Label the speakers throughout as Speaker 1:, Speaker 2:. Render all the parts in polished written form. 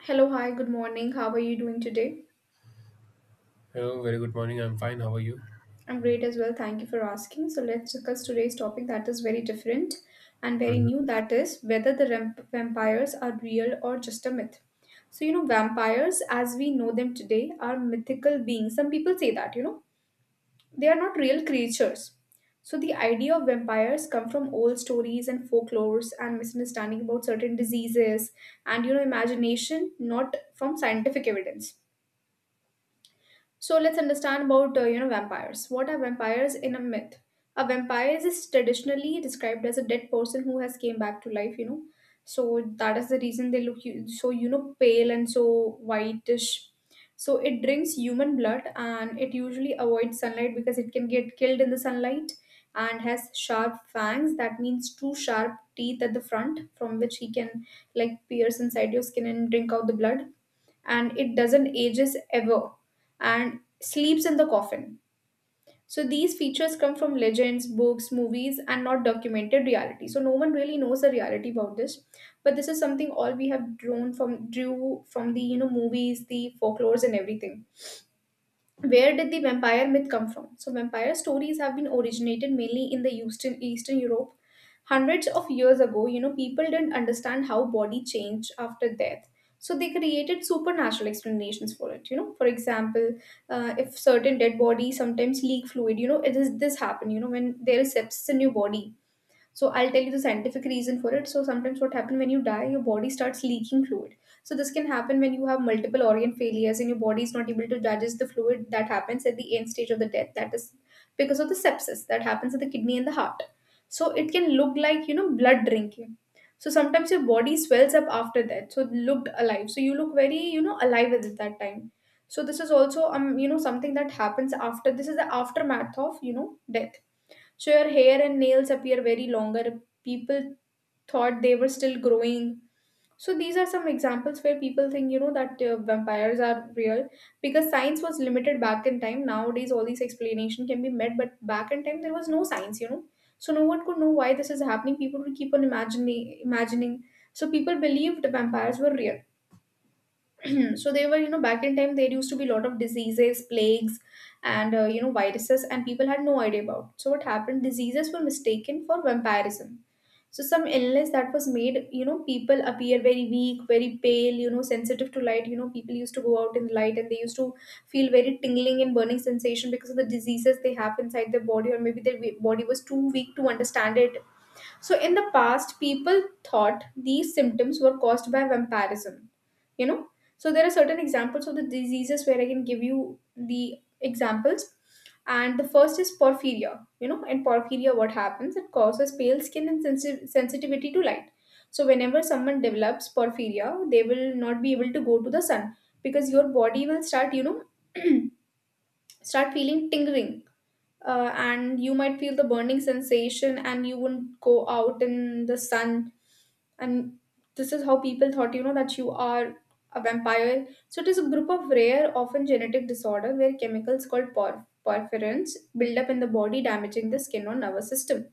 Speaker 1: Hello, hi, good morning. How are you doing today?
Speaker 2: Hello, very good morning. I'm fine. How are you?
Speaker 1: I'm great as well. Thank you for asking. So, let's discuss today's topic that is very different and very
Speaker 2: Mhm.
Speaker 1: new that is, whether the vampires are real or just a myth. So, vampires as we know them today are mythical beings. Some people say that, they are not real creatures. So, the idea of vampires come from old stories and folklores and misunderstanding about certain diseases and, imagination, not from scientific evidence. So let's understand about vampires. What are vampires in a myth? A vampire is traditionally described as a dead person who has came back to life. So that is the reason they look so pale and so whitish. So it drinks human blood and it usually avoids sunlight because it can get killed in the sunlight and has sharp fangs. That means two sharp teeth at the front from which he can like pierce inside your skin and drink out the blood, and it doesn't ages ever and sleeps in the coffin. So these features come from legends, books, movies, and not documented reality. So no one really knows the reality about this, but this is something all we have drawn from drew from the movies, the folklores, and everything. Where did the vampire myth come from? So, vampire stories have been originated mainly in the Eastern Europe. Hundreds of years ago, people didn't understand how body changed after death. So, they created supernatural explanations for it. For example, if certain dead bodies sometimes leak fluid, it is this happen, when there is sepsis in your body, so I'll tell you the scientific reason for it. So sometimes what happens when you die, your body starts leaking fluid. So this can happen when you have multiple organ failures and your body is not able to digest the fluid that happens at the end stage of the death. That is because of the sepsis that happens at the kidney and the heart. So it can look like blood drinking. So sometimes your body swells up after that. So it looked alive. So you look very alive at that time. So this is also something that happens after. This is the aftermath of death. So your hair and nails appear very longer. People thought they were still growing. So these are some examples where people think that vampires are real because science was limited back in time. Nowadays, all these explanation can be met, but back in time there was no science. So no one could know why this is happening. People would keep on imagining, imagining. So people believed vampires were real. So they were, back in time there used to be a lot of diseases, plagues and viruses, and people had no idea about, so what happened, diseases were mistaken for vampirism. So some illness that was made people appear very weak, very pale, sensitive to light. People used to go out in the light and they used to feel very tingling and burning sensation because of the diseases they have inside their body, or maybe their body was too weak to understand it. So in the past, people thought these symptoms were caused by vampirism. You know, so there are certain examples of the diseases where I can give you the examples. And the first is porphyria. In porphyria, what happens? It causes pale skin and sensitivity to light. So whenever someone develops porphyria, they will not be able to go to the sun because your body will start, start feeling tingling, and you might feel the burning sensation and you wouldn't go out in the sun, and this is how people thought that you are a vampire. So it is a group of rare, often genetic disorder where chemicals called porphyrins build up in the body, damaging the skin or nervous system.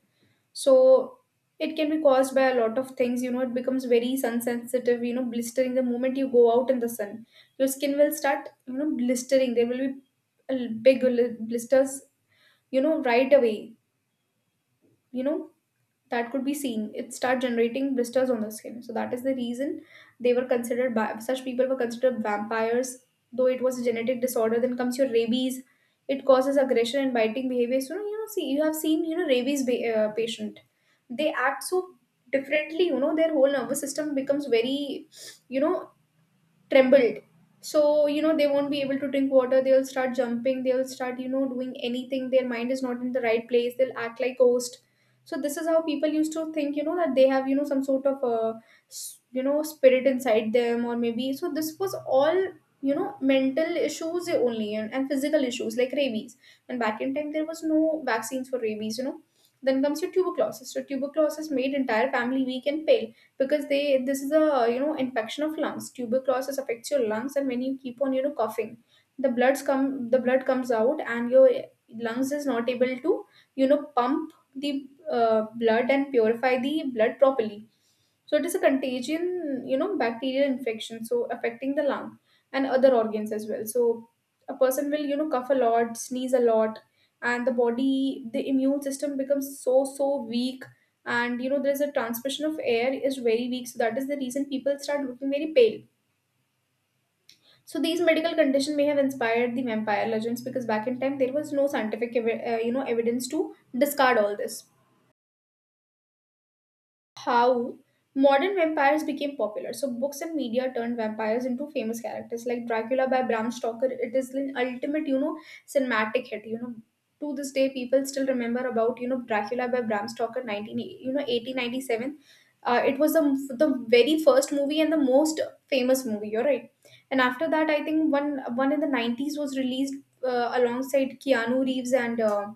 Speaker 1: So it can be caused by a lot of things. It becomes very sun sensitive, blistering the moment you go out in the sun. Your skin will start, blistering. There will be big blisters, right away, you know that could be seen. It start generating blisters on the skin, so that is the reason they were considered by such people were considered vampires, though it was a genetic disorder. Then comes your rabies. It causes aggression and biting behavior. So see, you have seen, rabies patient. They act so differently. Their whole nervous system becomes very, you know trembled. So they won't be able to drink water. They'll start jumping. They'll start doing anything. Their mind is not in the right place. They'll act like ghost. So this is how people used to think that they have some sort of spirit inside them, or maybe so this was all mental issues only, and physical issues like rabies. And back in time there was no vaccines for rabies. Then comes your tuberculosis. So tuberculosis made entire family weak and pale, because they this is a infection of lungs. Tuberculosis affects your lungs and when you keep on coughing, the blood comes out, and your lungs is not able to pump the blood and purify the blood properly. So it is a contagion, bacterial infection, so affecting the lung and other organs as well. So a person will, cough a lot, sneeze a lot, and the body, the immune system becomes so, so weak. And, there's a transmission of air is very weak. So that is the reason people start looking very pale. So these medical conditions may have inspired the vampire legends because back in time there was no scientific, evidence to discard all this. How modern vampires became popular. So books and media turned vampires into famous characters like Dracula by Bram Stoker. It is an ultimate, cinematic hit. To this day people still remember about Dracula by Bram Stoker, nineteen 1897. It was the very first movie and the most famous movie. You're right. And after that, I think one in the 90s was released alongside Keanu Reeves and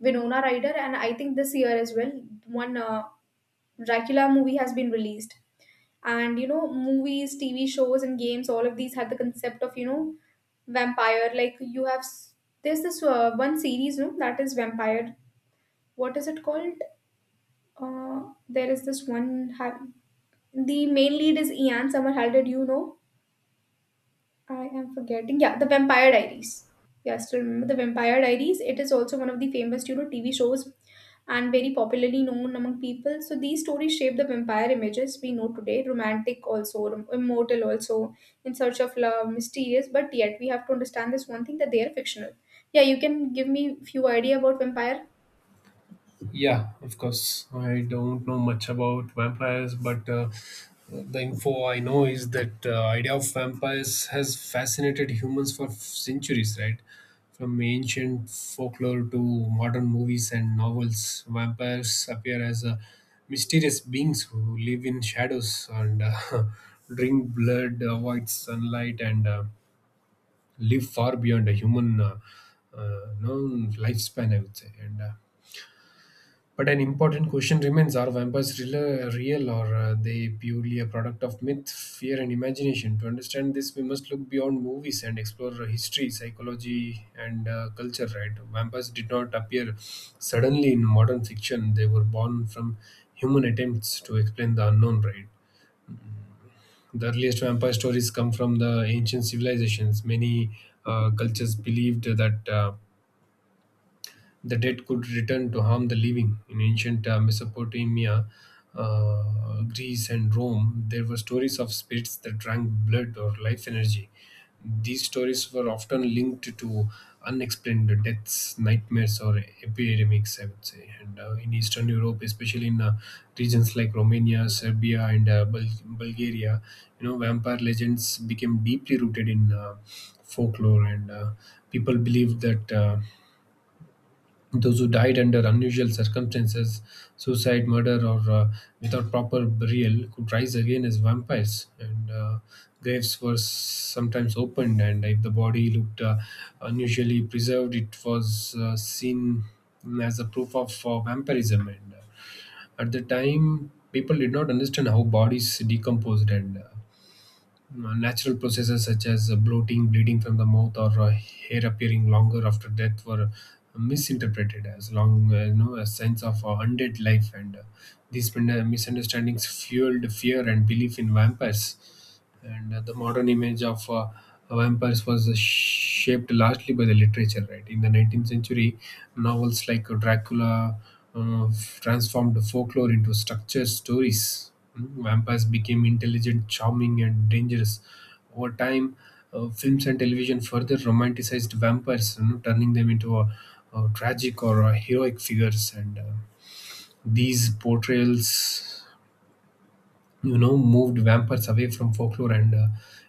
Speaker 1: Winona Ryder, and I think this year as well, one Dracula movie has been released. And movies, TV shows, and games, all of these had the concept of, vampire. Like you have, there's this one series, no, that is vampire. What is it called? There is this one, the main lead is Ian Somerhalder, do you know? I am forgetting. Yeah, The Vampire Diaries. Yeah, I still remember The Vampire Diaries. It is also one of the famous, TV shows and very popularly known among people. So these stories shape the vampire images we know today. Romantic also, immortal also, in search of love, mysterious. But yet we have to understand this one thing that they are fictional. Yeah, you can give me few idea about vampire.
Speaker 2: Yeah, of course. I don't know much about vampires, but the info I know is that idea of vampires has fascinated humans for centuries, right? From ancient folklore to modern movies and novels, vampires appear as mysterious beings who live in shadows and drink blood, avoid sunlight, and live far beyond a human known lifespan, I would say. And but an important question remains: Are vampires real or they purely a product of myth, fear, and imagination? To understand this, we must look beyond movies and explore history, psychology, and culture. Right? Vampires did not appear suddenly in modern fiction; they were born from human attempts to explain the unknown. Right? The earliest vampire stories come from the ancient civilizations. Many cultures believed that. The dead could return to harm the living. In ancient Mesopotamia, Greece, and Rome, there were stories of spirits that drank blood or life energy. These stories were often linked to unexplained deaths, nightmares, or epidemics, I would say. And in Eastern Europe, especially in regions like Romania, Serbia, and Bulgaria, you know, vampire legends became deeply rooted in folklore, and people believed that. Those who died under unusual circumstances, suicide, murder, or without proper burial, could rise again as vampires. And graves were sometimes opened, and if the body looked unusually preserved, it was seen as a proof of vampirism. And at the time, people did not understand how bodies decomposed, and natural processes such as bloating, bleeding from the mouth, or hair appearing longer after death were misinterpreted as long, a sense of undead life, and these misunderstandings fueled fear and belief in vampires. And the modern image of vampires was shaped largely by the literature. Right, in the 19th century, novels like Dracula uh, transformed folklore into structured stories. Vampires became intelligent, charming, and dangerous. Over time, films and television further romanticized vampires, you know, turning them into a tragic or a heroic figures. And these portrayals you know moved vampires away from folklore and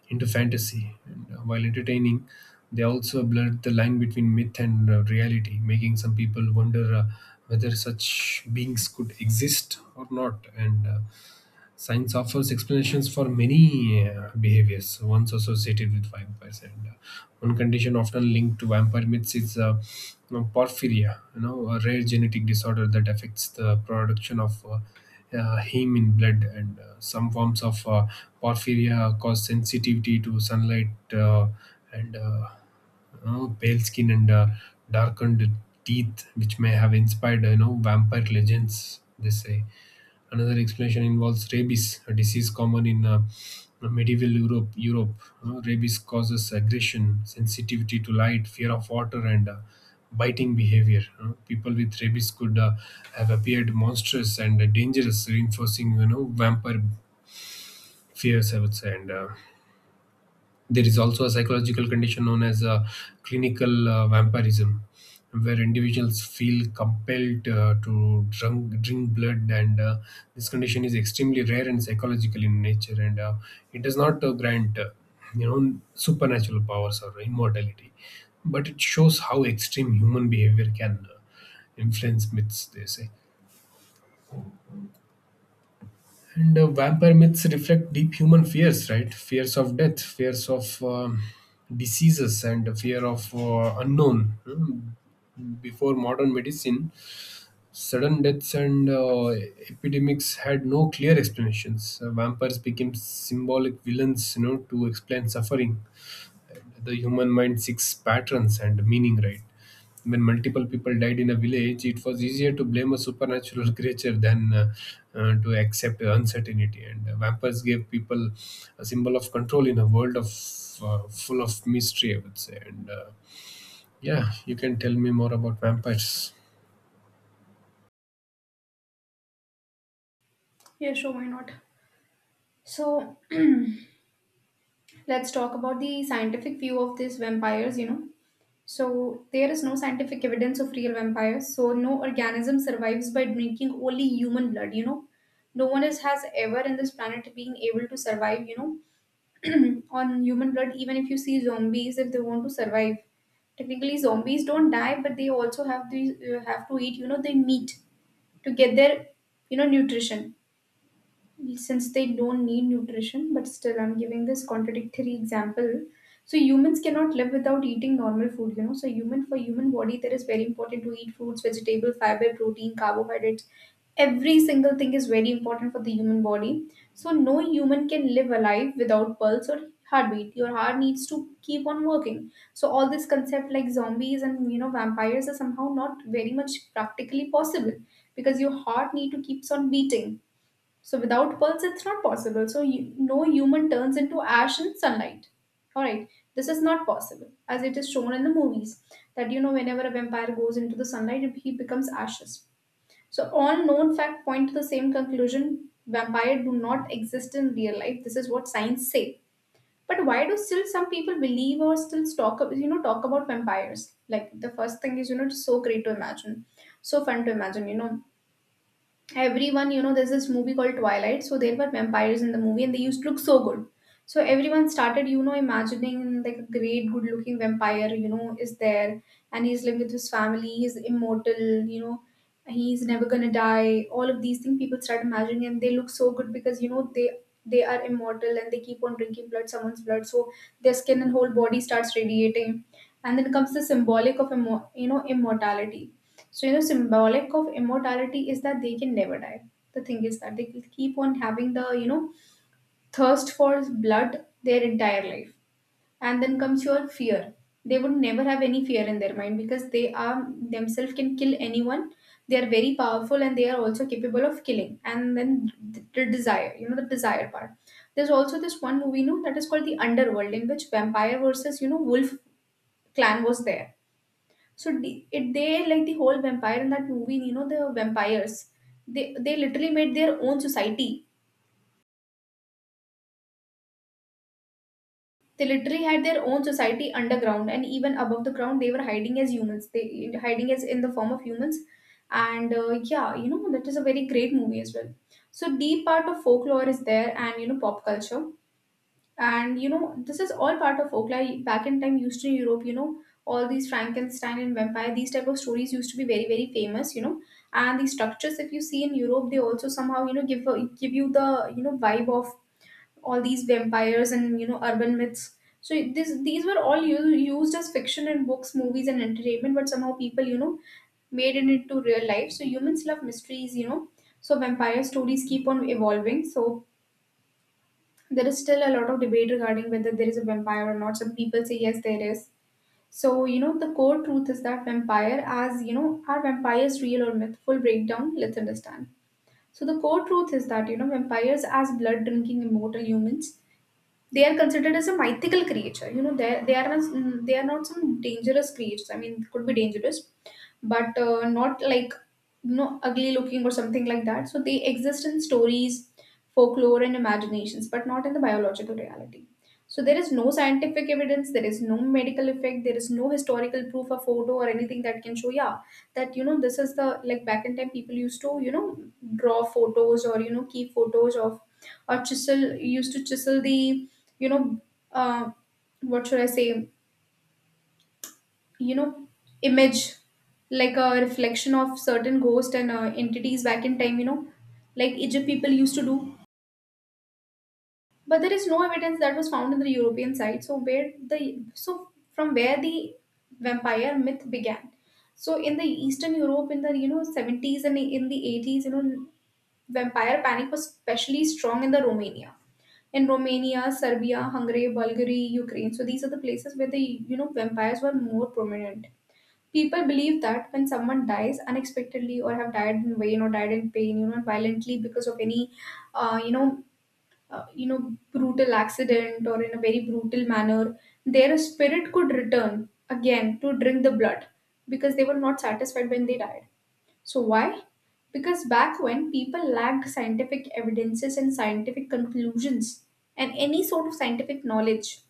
Speaker 2: into fantasy, and while entertaining they also blurred the line between myth and reality, making some people wonder whether such beings could exist or not. And Science offers explanations for many behaviors once associated with vampires, and one condition often linked to vampire myths is, you know, porphyria, you know, a rare genetic disorder that affects the production of heme in blood, and some forms of porphyria cause sensitivity to sunlight uh, and you know, pale skin and darkened teeth, which may have inspired you know vampire legends. They say. Another explanation involves rabies, a disease common in medieval Europe. Rabies causes aggression, sensitivity to light, fear of water, and biting behavior. People with rabies could have appeared monstrous and dangerous, reinforcing you know vampire fears. I would say, and there is also a psychological condition known as clinical vampirism, where individuals feel compelled to drink blood, and this condition is extremely rare and psychological in nature, and it does not grant you know supernatural powers or immortality, but it shows how extreme human behavior can influence myths. They say. And vampire myths reflect deep human fears, right? Fears of death, fears of diseases, and fear of unknown. Hmm. Before modern medicine, sudden deaths and epidemics had no clear explanations. Vampires became symbolic villains, you know, to explain suffering. The human mind seeks patterns and meaning, right? When multiple people died in a village, it was easier to blame a supernatural creature than to accept uncertainty. And vampires gave people a symbol of control in a world of full of mystery, I would say. And Yeah, you can tell me more about vampires.
Speaker 1: Yeah, sure, why not? So let's talk about the scientific view of these vampires. So, there is no scientific evidence of real vampires. So, no organism survives by drinking only human blood. No one has ever in this planet been able to survive, on human blood, even if you see zombies, if they want to survive. Technically, zombies don't die, but they also have to eat, they meat to get their, nutrition, since they don't need nutrition, but still I'm giving this contradictory example. So humans cannot live without eating normal food. So human body there is very important to eat fruits, vegetable, fiber, protein, carbohydrates. Every single thing is very important for the human body. So no human can live alive without pulse or heartbeat. Your heart needs to keep on working. So all this concept like zombies and vampires are somehow not very much practically possible because your heart need to keeps on beating, so without pulse, it's not possible. So no human turns into ash in sunlight. All right, this is not possible, as it is shown in the movies that whenever a vampire goes into the sunlight, he becomes ashes. So all known facts point to the same conclusion: vampire do not exist in real life. This is what science say. But why do still some people believe or still talk ab- you know talk about vampires? Like the first thing is, it's so great to imagine, so fun to imagine. You know, everyone, there's this movie called Twilight, so there were vampires in the movie and they used to look so good. So everyone started, imagining like a great good looking vampire, is there, and he's living with his family, he's immortal, you know he's never gonna die. All of these things people start imagining, and they look so good because they are immortal and they keep on drinking blood, someone's blood. So their skin and whole body starts radiating. And then comes the symbolic of immortality. So, symbolic of immortality is that they can never die. The thing is that they will keep on having the, thirst for blood their entire life. And then comes your fear. They would never have any fear in their mind because they are themselves can kill anyone. They are very powerful and they are also capable of killing. And then the desire, the desire part. There's also this one movie, that is called The Underworld, in which vampire versus, wolf clan was there. So the- it they, like, the whole vampire in that movie, the vampires. They literally made their own society. They literally had their own society underground and even above the ground. They were hiding as humans. They hiding as in the form of humans, and yeah, that is a very great movie as well. So deep part of folklore is there, and pop culture. And this is all part of folklore. Back in time, Eastern Europe, all these Frankenstein and vampire, these type of stories used to be very, very famous, And the structures, if you see in Europe, they also somehow, give you the vibe of all these vampires and urban myths. So this these were all used as fiction in books, movies, and entertainment, but somehow people, made it into real life. So humans love mysteries, So vampire stories keep on evolving. So there is still a lot of debate regarding whether there is a vampire or not. Some people say yes, there is. So, the core truth is that vampire, as are vampires real or myth? Full breakdown, let's understand. So, the core truth is that, vampires, as blood drinking immortal humans, they are considered as a mythical creature. You know, are, they are not some dangerous creatures. I mean, could be dangerous, but not like ugly looking or something like that. So they exist in stories, folklore and imaginations, but not in the biological reality. So there is no scientific evidence, there is no medical effect, there is no historical proof or photo or anything that can show, yeah, that this is the, like, back in time people used to, draw photos or keep photos of, or chisel used to chisel the, you know uh, what should I say, you know image, like a reflection of certain ghosts and entities back in time, like Egypt people used to do. But there is no evidence that was found in the European side. So where the, so from where the vampire myth began? So in the Eastern Europe, in the, 70s and in the 80s, vampire panic was especially strong in the Romania. In Romania, Serbia, Hungary, Bulgaria, Ukraine, so these are the places where the, vampires were more prominent. People believe that when someone dies unexpectedly or have died in vain or died in pain, violently because of any, uh, you know, brutal accident or in a very brutal manner, their spirit could return again to drink the blood because they were not satisfied when they died. So why? Because back when people lacked scientific evidences and scientific conclusions and any sort of scientific knowledge,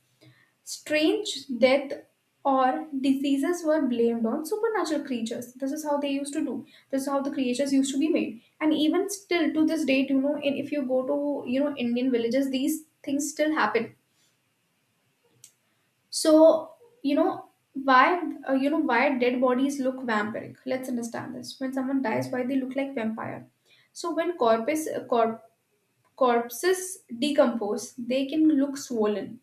Speaker 1: strange death or diseases were blamed on supernatural creatures. This is how they used to do. This is how the creatures used to be made. And even still to this date, in, if you go to Indian villages, these things still happen. So you know why why dead bodies look vampiric. Let's understand this. When someone dies, why they look like vampire? So when corpses decompose, they can look swollen.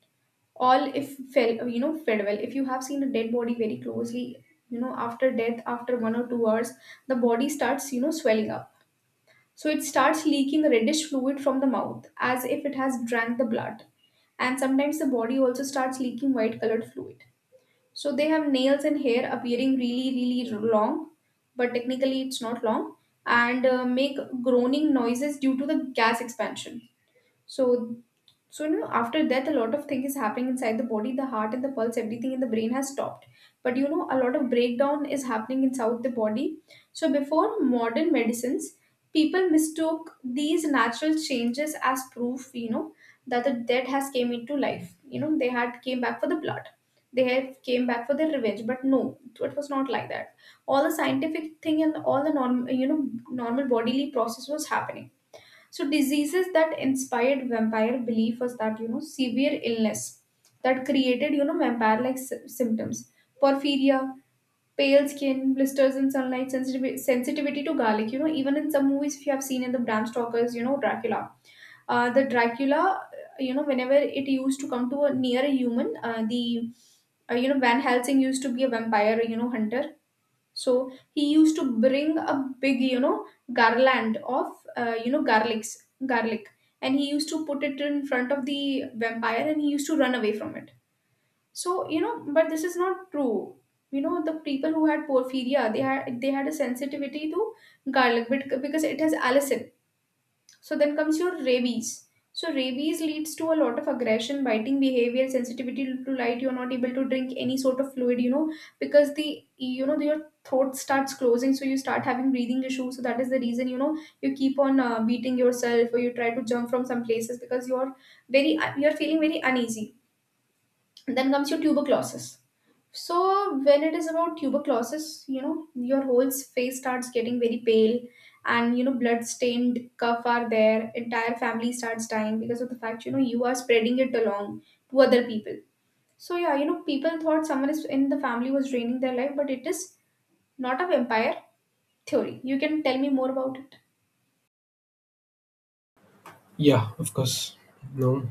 Speaker 1: All if fell you know Farewell, if you have seen a dead body very closely, after death, after 1 or 2 hours, the body starts, swelling up. So it starts leaking reddish fluid from the mouth as if it has drank the blood, and sometimes the body also starts leaking white colored fluid. So they have nails and hair appearing really really long, but technically it's not long, and make groaning noises due to the gas expansion. So, so, after death, a lot of things is happening inside the body, the heart and the pulse, everything in the brain has stopped. But a lot of breakdown is happening inside the body. So, before modern medicines, people mistook these natural changes as proof, that the dead has came into life. You know, they had came back for the blood. They had came back for their revenge, but no, it was not like that. All the scientific thing and all the normal, normal bodily process was happening. So diseases that inspired vampire belief was that severe illness that created vampire-like symptoms, porphyria, pale skin, blisters in sunlight, sensitivity to garlic. You know, even in some movies, if you have seen, in the Bram Stoker's, Dracula, the Dracula, whenever it used to come to a near a human, the Van Helsing used to be a vampire, hunter. So he used to bring a big, garland of, uh, you know garlics garlic, and he used to put it in front of the vampire and he used to run away from it. So, but this is not true. You know, the people who had porphyria, they had a sensitivity to garlic, but because it has allicin. So then comes your rabies. So rabies leads to a lot of aggression, biting behavior, sensitivity to light. You're not able to drink any sort of fluid, because the, your throat starts closing, so you start having breathing issues. So that is the reason you keep on beating yourself or you try to jump from some places because you're very you're feeling very uneasy. Then comes your tuberculosis. So when it is about tuberculosis, your whole face starts getting very pale, and blood stained cuff are there. Entire family starts dying because of the fact you are spreading it along to other people. So yeah, people thought someone is in the family was draining their life, but it is not a vampire theory. You can tell me more about it.
Speaker 2: Yeah, of course. No.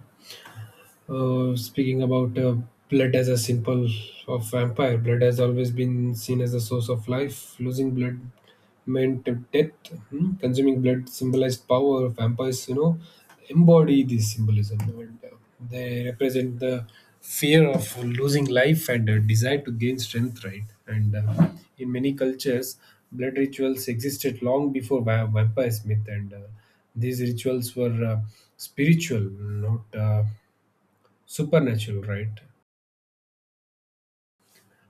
Speaker 2: Speaking about blood as a symbol of vampire, blood has always been seen as a source of life. Losing blood meant death. Hmm? Consuming blood symbolized power. Vampires, you know, embody this symbolism, and they represent the fear of losing life and a desire to gain strength, right? And in many cultures, blood rituals existed long before vampires myth, and these rituals were spiritual, not supernatural, right?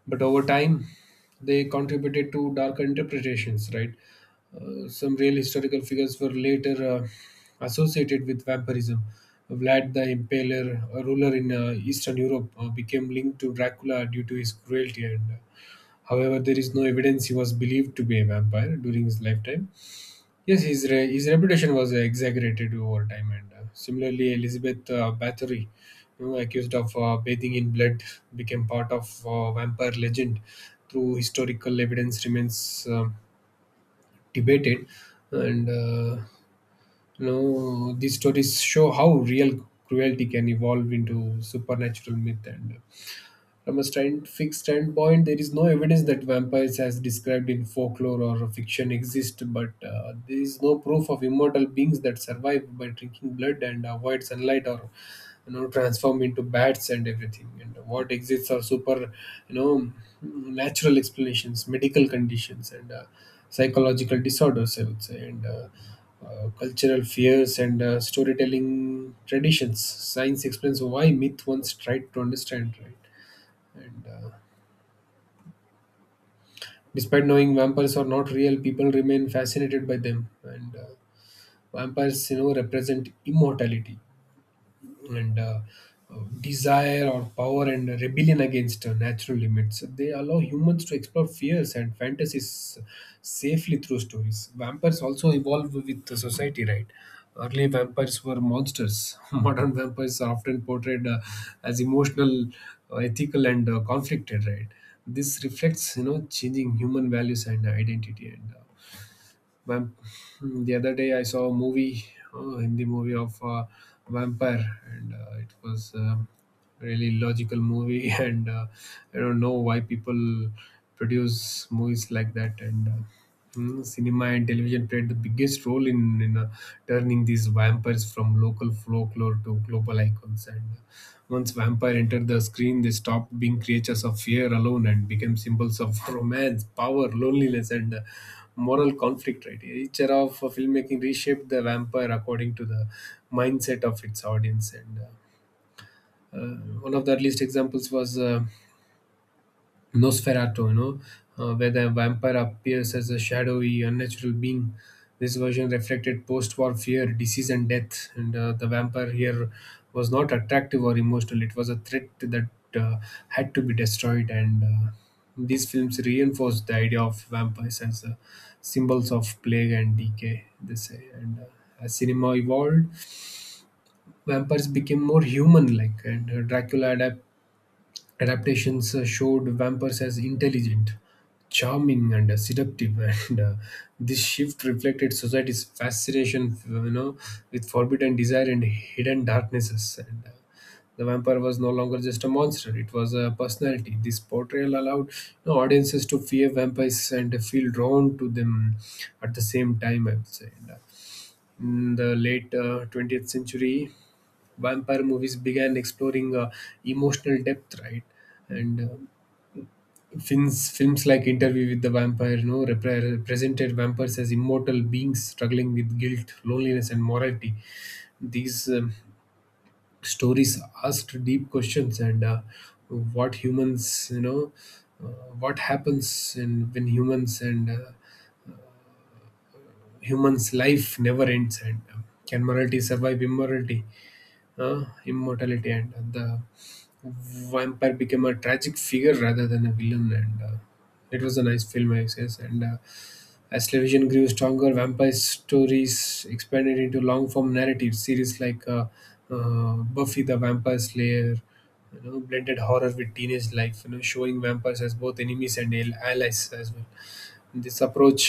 Speaker 2: But over time, they contributed to darker interpretations, right? Some real historical figures were later associated with vampirism. Vlad the Impaler, a ruler in Eastern Europe, became linked to Dracula due to his cruelty. However, there is no evidence he was believed to be a vampire during his lifetime. Yes, his reputation was exaggerated over time, and similarly, Elizabeth Bathory, you know, accused of bathing in blood, became part of vampire legend. Through historical evidence remains debated, and you know these stories show how real cruelty can evolve into supernatural myth, and from a fixed standpoint, there is no evidence that vampires, as described in folklore or fiction, exist, but there is no proof of immortal beings that survive by drinking blood and avoid sunlight or you know transform into bats and everything. And what exists are you know, natural explanations, medical conditions, and psychological disorders. I would say, and cultural fears and storytelling traditions. Science explains why myth once tried to understand, right? and Despite knowing vampires are not real, people remain fascinated by them, and vampires you know represent immortality, and desire or power and rebellion against natural limits. They allow humans to explore fears and fantasies safely through stories. Vampires also evolve with the society, right? Early vampires were monsters. Modern vampires are often portrayed as emotional, ethical, and conflicted, right? This reflects, you know, changing human values and identity. Vamp- the other day I saw a movie, Hindi movie of vampire, and it was really logical movie. And I don't know why people produce movies like that. And cinema and television played the biggest role in, in turning these vampires from local folklore to global icons. And once vampire entered the screen, they stopped being creatures of fear alone and became symbols of romance, power, loneliness, and moral conflict. Right, each era of filmmaking reshaped the vampire according to the mindset of its audience. And uh, One of the earliest examples was Nosferatu, you know, where the vampire appears as a shadowy, unnatural being. This version reflected post war fear, disease, and death. And the vampire here was not attractive or emotional, it was a threat that uh, had to be destroyed. And these films reinforced the idea of vampires as symbols of plague and decay, they say. And as cinema evolved, vampires became more human like, and Dracula adapted Adaptations showed vampires as intelligent, charming, and seductive, and this shift reflected society's fascination, you know, with forbidden desire and hidden darknesses. And the vampire was no longer just a monster; it was a personality. This portrayal allowed you know, audiences to fear vampires and feel drawn to them at the same time. I would say. In the late 20th century, vampire movies began exploring emotional depth, right? And films like Interview with the Vampire, you know, represented vampires as immortal beings struggling with guilt, loneliness, and morality. These stories asked deep questions, and what humans, you know, uh, what happens and when humans and humans' life never ends. And. Can morality survive immortality, and the vampire became a tragic figure rather than a villain. And it was a nice film I guess. And as television grew stronger, vampire stories expanded into long form narrative series like uh, Buffy the Vampire Slayer, you know, blended horror with teenage life, you know, showing vampires as both enemies and allies as well. This approach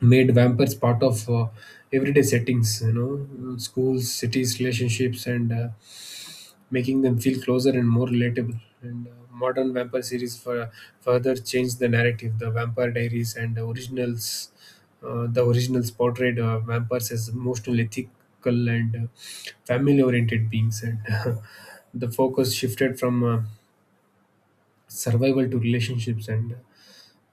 Speaker 2: made vampires part of everyday settings, you know, schools, cities, relationships, and making them feel closer and more relatable. And modern vampire series further changed the narrative. The Vampire Diaries and the originals portrayed vampires as emotional, ethical, and family-oriented beings. And the focus shifted from survival to relationships and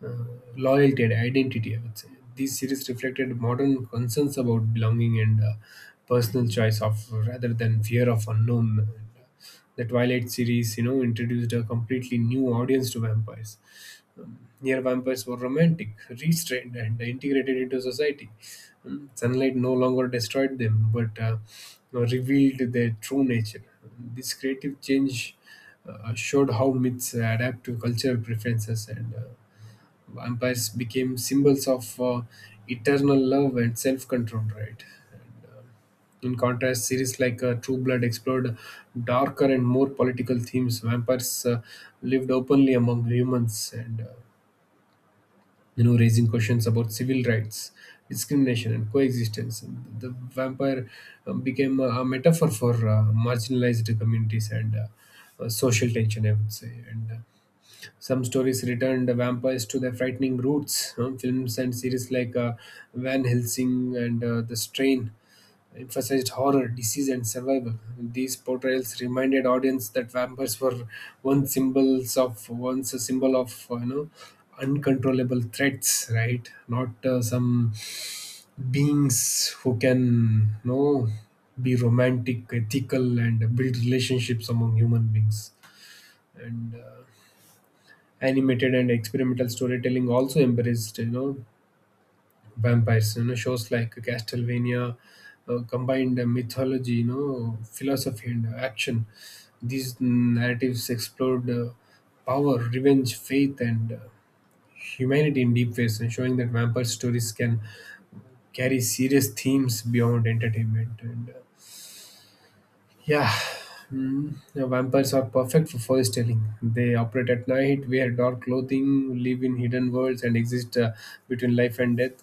Speaker 2: loyalty and identity, I would say. These series reflected modern concerns about belonging and personal choice of rather than fear of unknown. Uh, the Twilight series, you know, introduced a completely new audience to vampires. Here, vampires were romantic, restrained, and integrated into society. Sunlight no longer destroyed them, but revealed their true nature. This creative change showed how myths adapt to cultural preferences, and vampires became symbols of eternal love and self-control, right? And, uh, in contrast, series like True Blood explored darker and more political themes. Vampires lived openly among humans, and you know, raising questions about civil rights, discrimination, and coexistence. And the vampire became a metaphor for marginalized communities and social tension, I would say. And some stories returned vampires to their frightening roots. Films and series like Van Helsing and The Strain emphasized horror, disease, and survival. These portrayals reminded audience that vampires were once a symbol of you know uncontrollable threats, right? Not some beings who can you know be romantic, ethical, and build relationships among human beings. And Animated and experimental storytelling also embraced, you know, vampires. You know, shows like Castlevania combined mythology, you know, philosophy and action. These narratives explored power, revenge, faith, and humanity in deep ways, and showing that vampire stories can carry serious themes beyond entertainment. And Yeah, the vampires are perfect for storytelling. They operate at night, wear dark clothing, live in hidden worlds, and exist between life and death.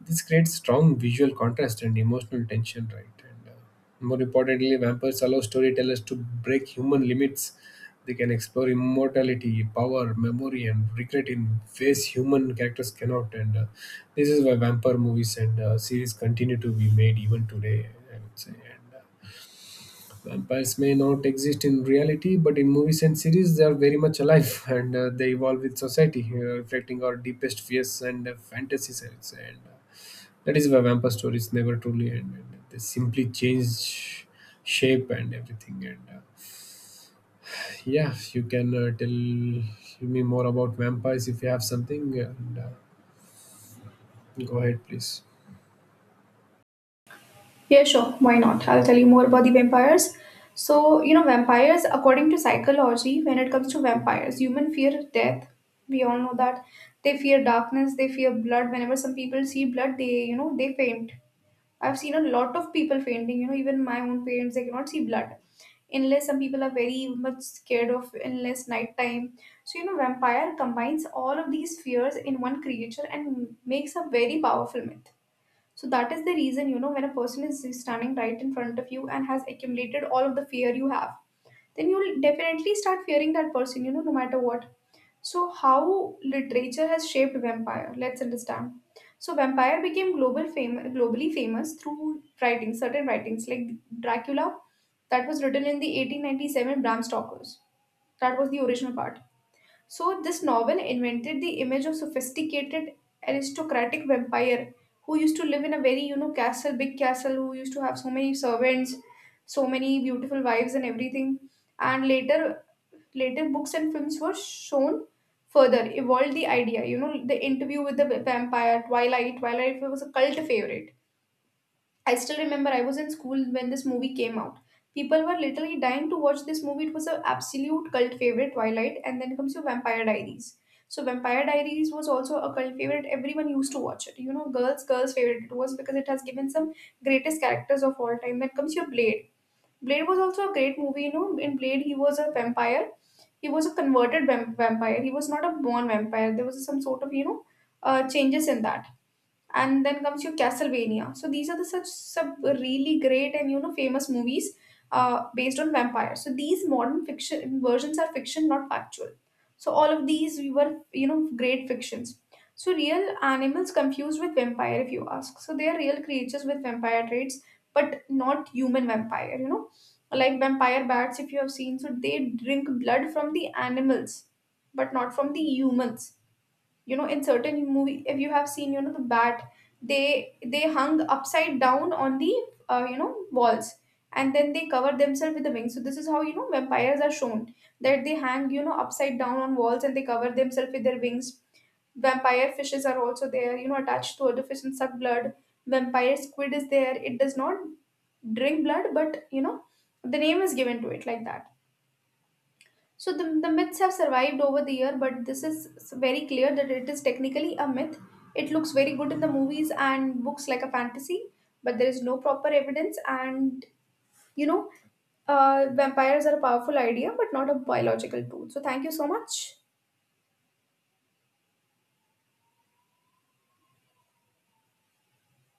Speaker 2: This creates strong visual contrast and emotional tension, right? And more importantly, vampires allow storytellers to break human limits. They can explore immortality, power, memory, and regret in ways human characters cannot. And this is why vampire movies and series continue to be made even today, I would say. And vampires may not exist in reality, but in movies and series, they are very much alive, and they evolve with society, reflecting our deepest fears and fantasies. I would say. And that is why vampire stories never truly end. And they simply change shape and everything. And yeah, you can tell me more about vampires if you have something. And go ahead, please.
Speaker 1: Yeah, sure. Why not? I'll tell you more about the vampires. So, vampires, according to psychology, when it comes to vampires, human fear death. We all know that. They fear darkness, they fear blood. Whenever some people see blood, they faint. I've seen a lot of people fainting, even my own parents, they cannot see blood. Unless some people are very much scared of, unless nighttime. So, vampire combines all of these fears in one creature and makes a very powerful myth. So that is the reason, when a person is standing right in front of you and has accumulated all of the fear you have, then you'll definitely start fearing that person, no matter what. So, how literature has shaped vampire? Let's understand. So, vampire became globally famous through writing, certain writings like Dracula, that was written in the 1897 Bram Stoker's. That was the original part. So, this novel invented the image of sophisticated aristocratic vampire who used to live in a very, castle, big castle, who used to have so many servants, so many beautiful wives and everything. And later, later books and films were shown further, evolved the idea. You know, the interview with the vampire, Twilight. Twilight was a cult favorite. I still remember I was in school when this movie came out. People were literally dying to watch this movie. It was an absolute cult favorite, Twilight, and then comes your Vampire Diaries. So Vampire Diaries was also a cult favorite. Everyone used to watch it. You know, girls' favorite it was because it has given some greatest characters of all time. Then comes your Blade. Blade was also a great movie. You know, in Blade he was a vampire. He was a vampire. He was not a born vampire. There was some sort of changes in that, and then comes your Castlevania. So these are the such sub really great and famous movies based on vampires. So these modern fiction versions are fiction, not factual. So all of these we were great fictions. So real animals confused with vampire, if you ask. So they are real creatures with vampire traits, but not human vampire. You know, like vampire bats, if you have seen. So they drink blood from the animals, but not from the humans. In certain movie, if you have seen, the bat, they hung upside down on the, walls, and then they cover themselves with the wings. So this is how, vampires are shown, that they hang, upside down on walls and they cover themselves with their wings. Vampire fishes are also there, attached to other fish and suck blood. Vampire squid is there, it does not drink blood, but the name is given to it like that. So the myths have survived over the year, but this is very clear that it is technically a myth. It looks very good in the movies and books like a fantasy, but there is no proper evidence. And you know, vampires are a powerful idea, but not a biological tool. So thank you so much.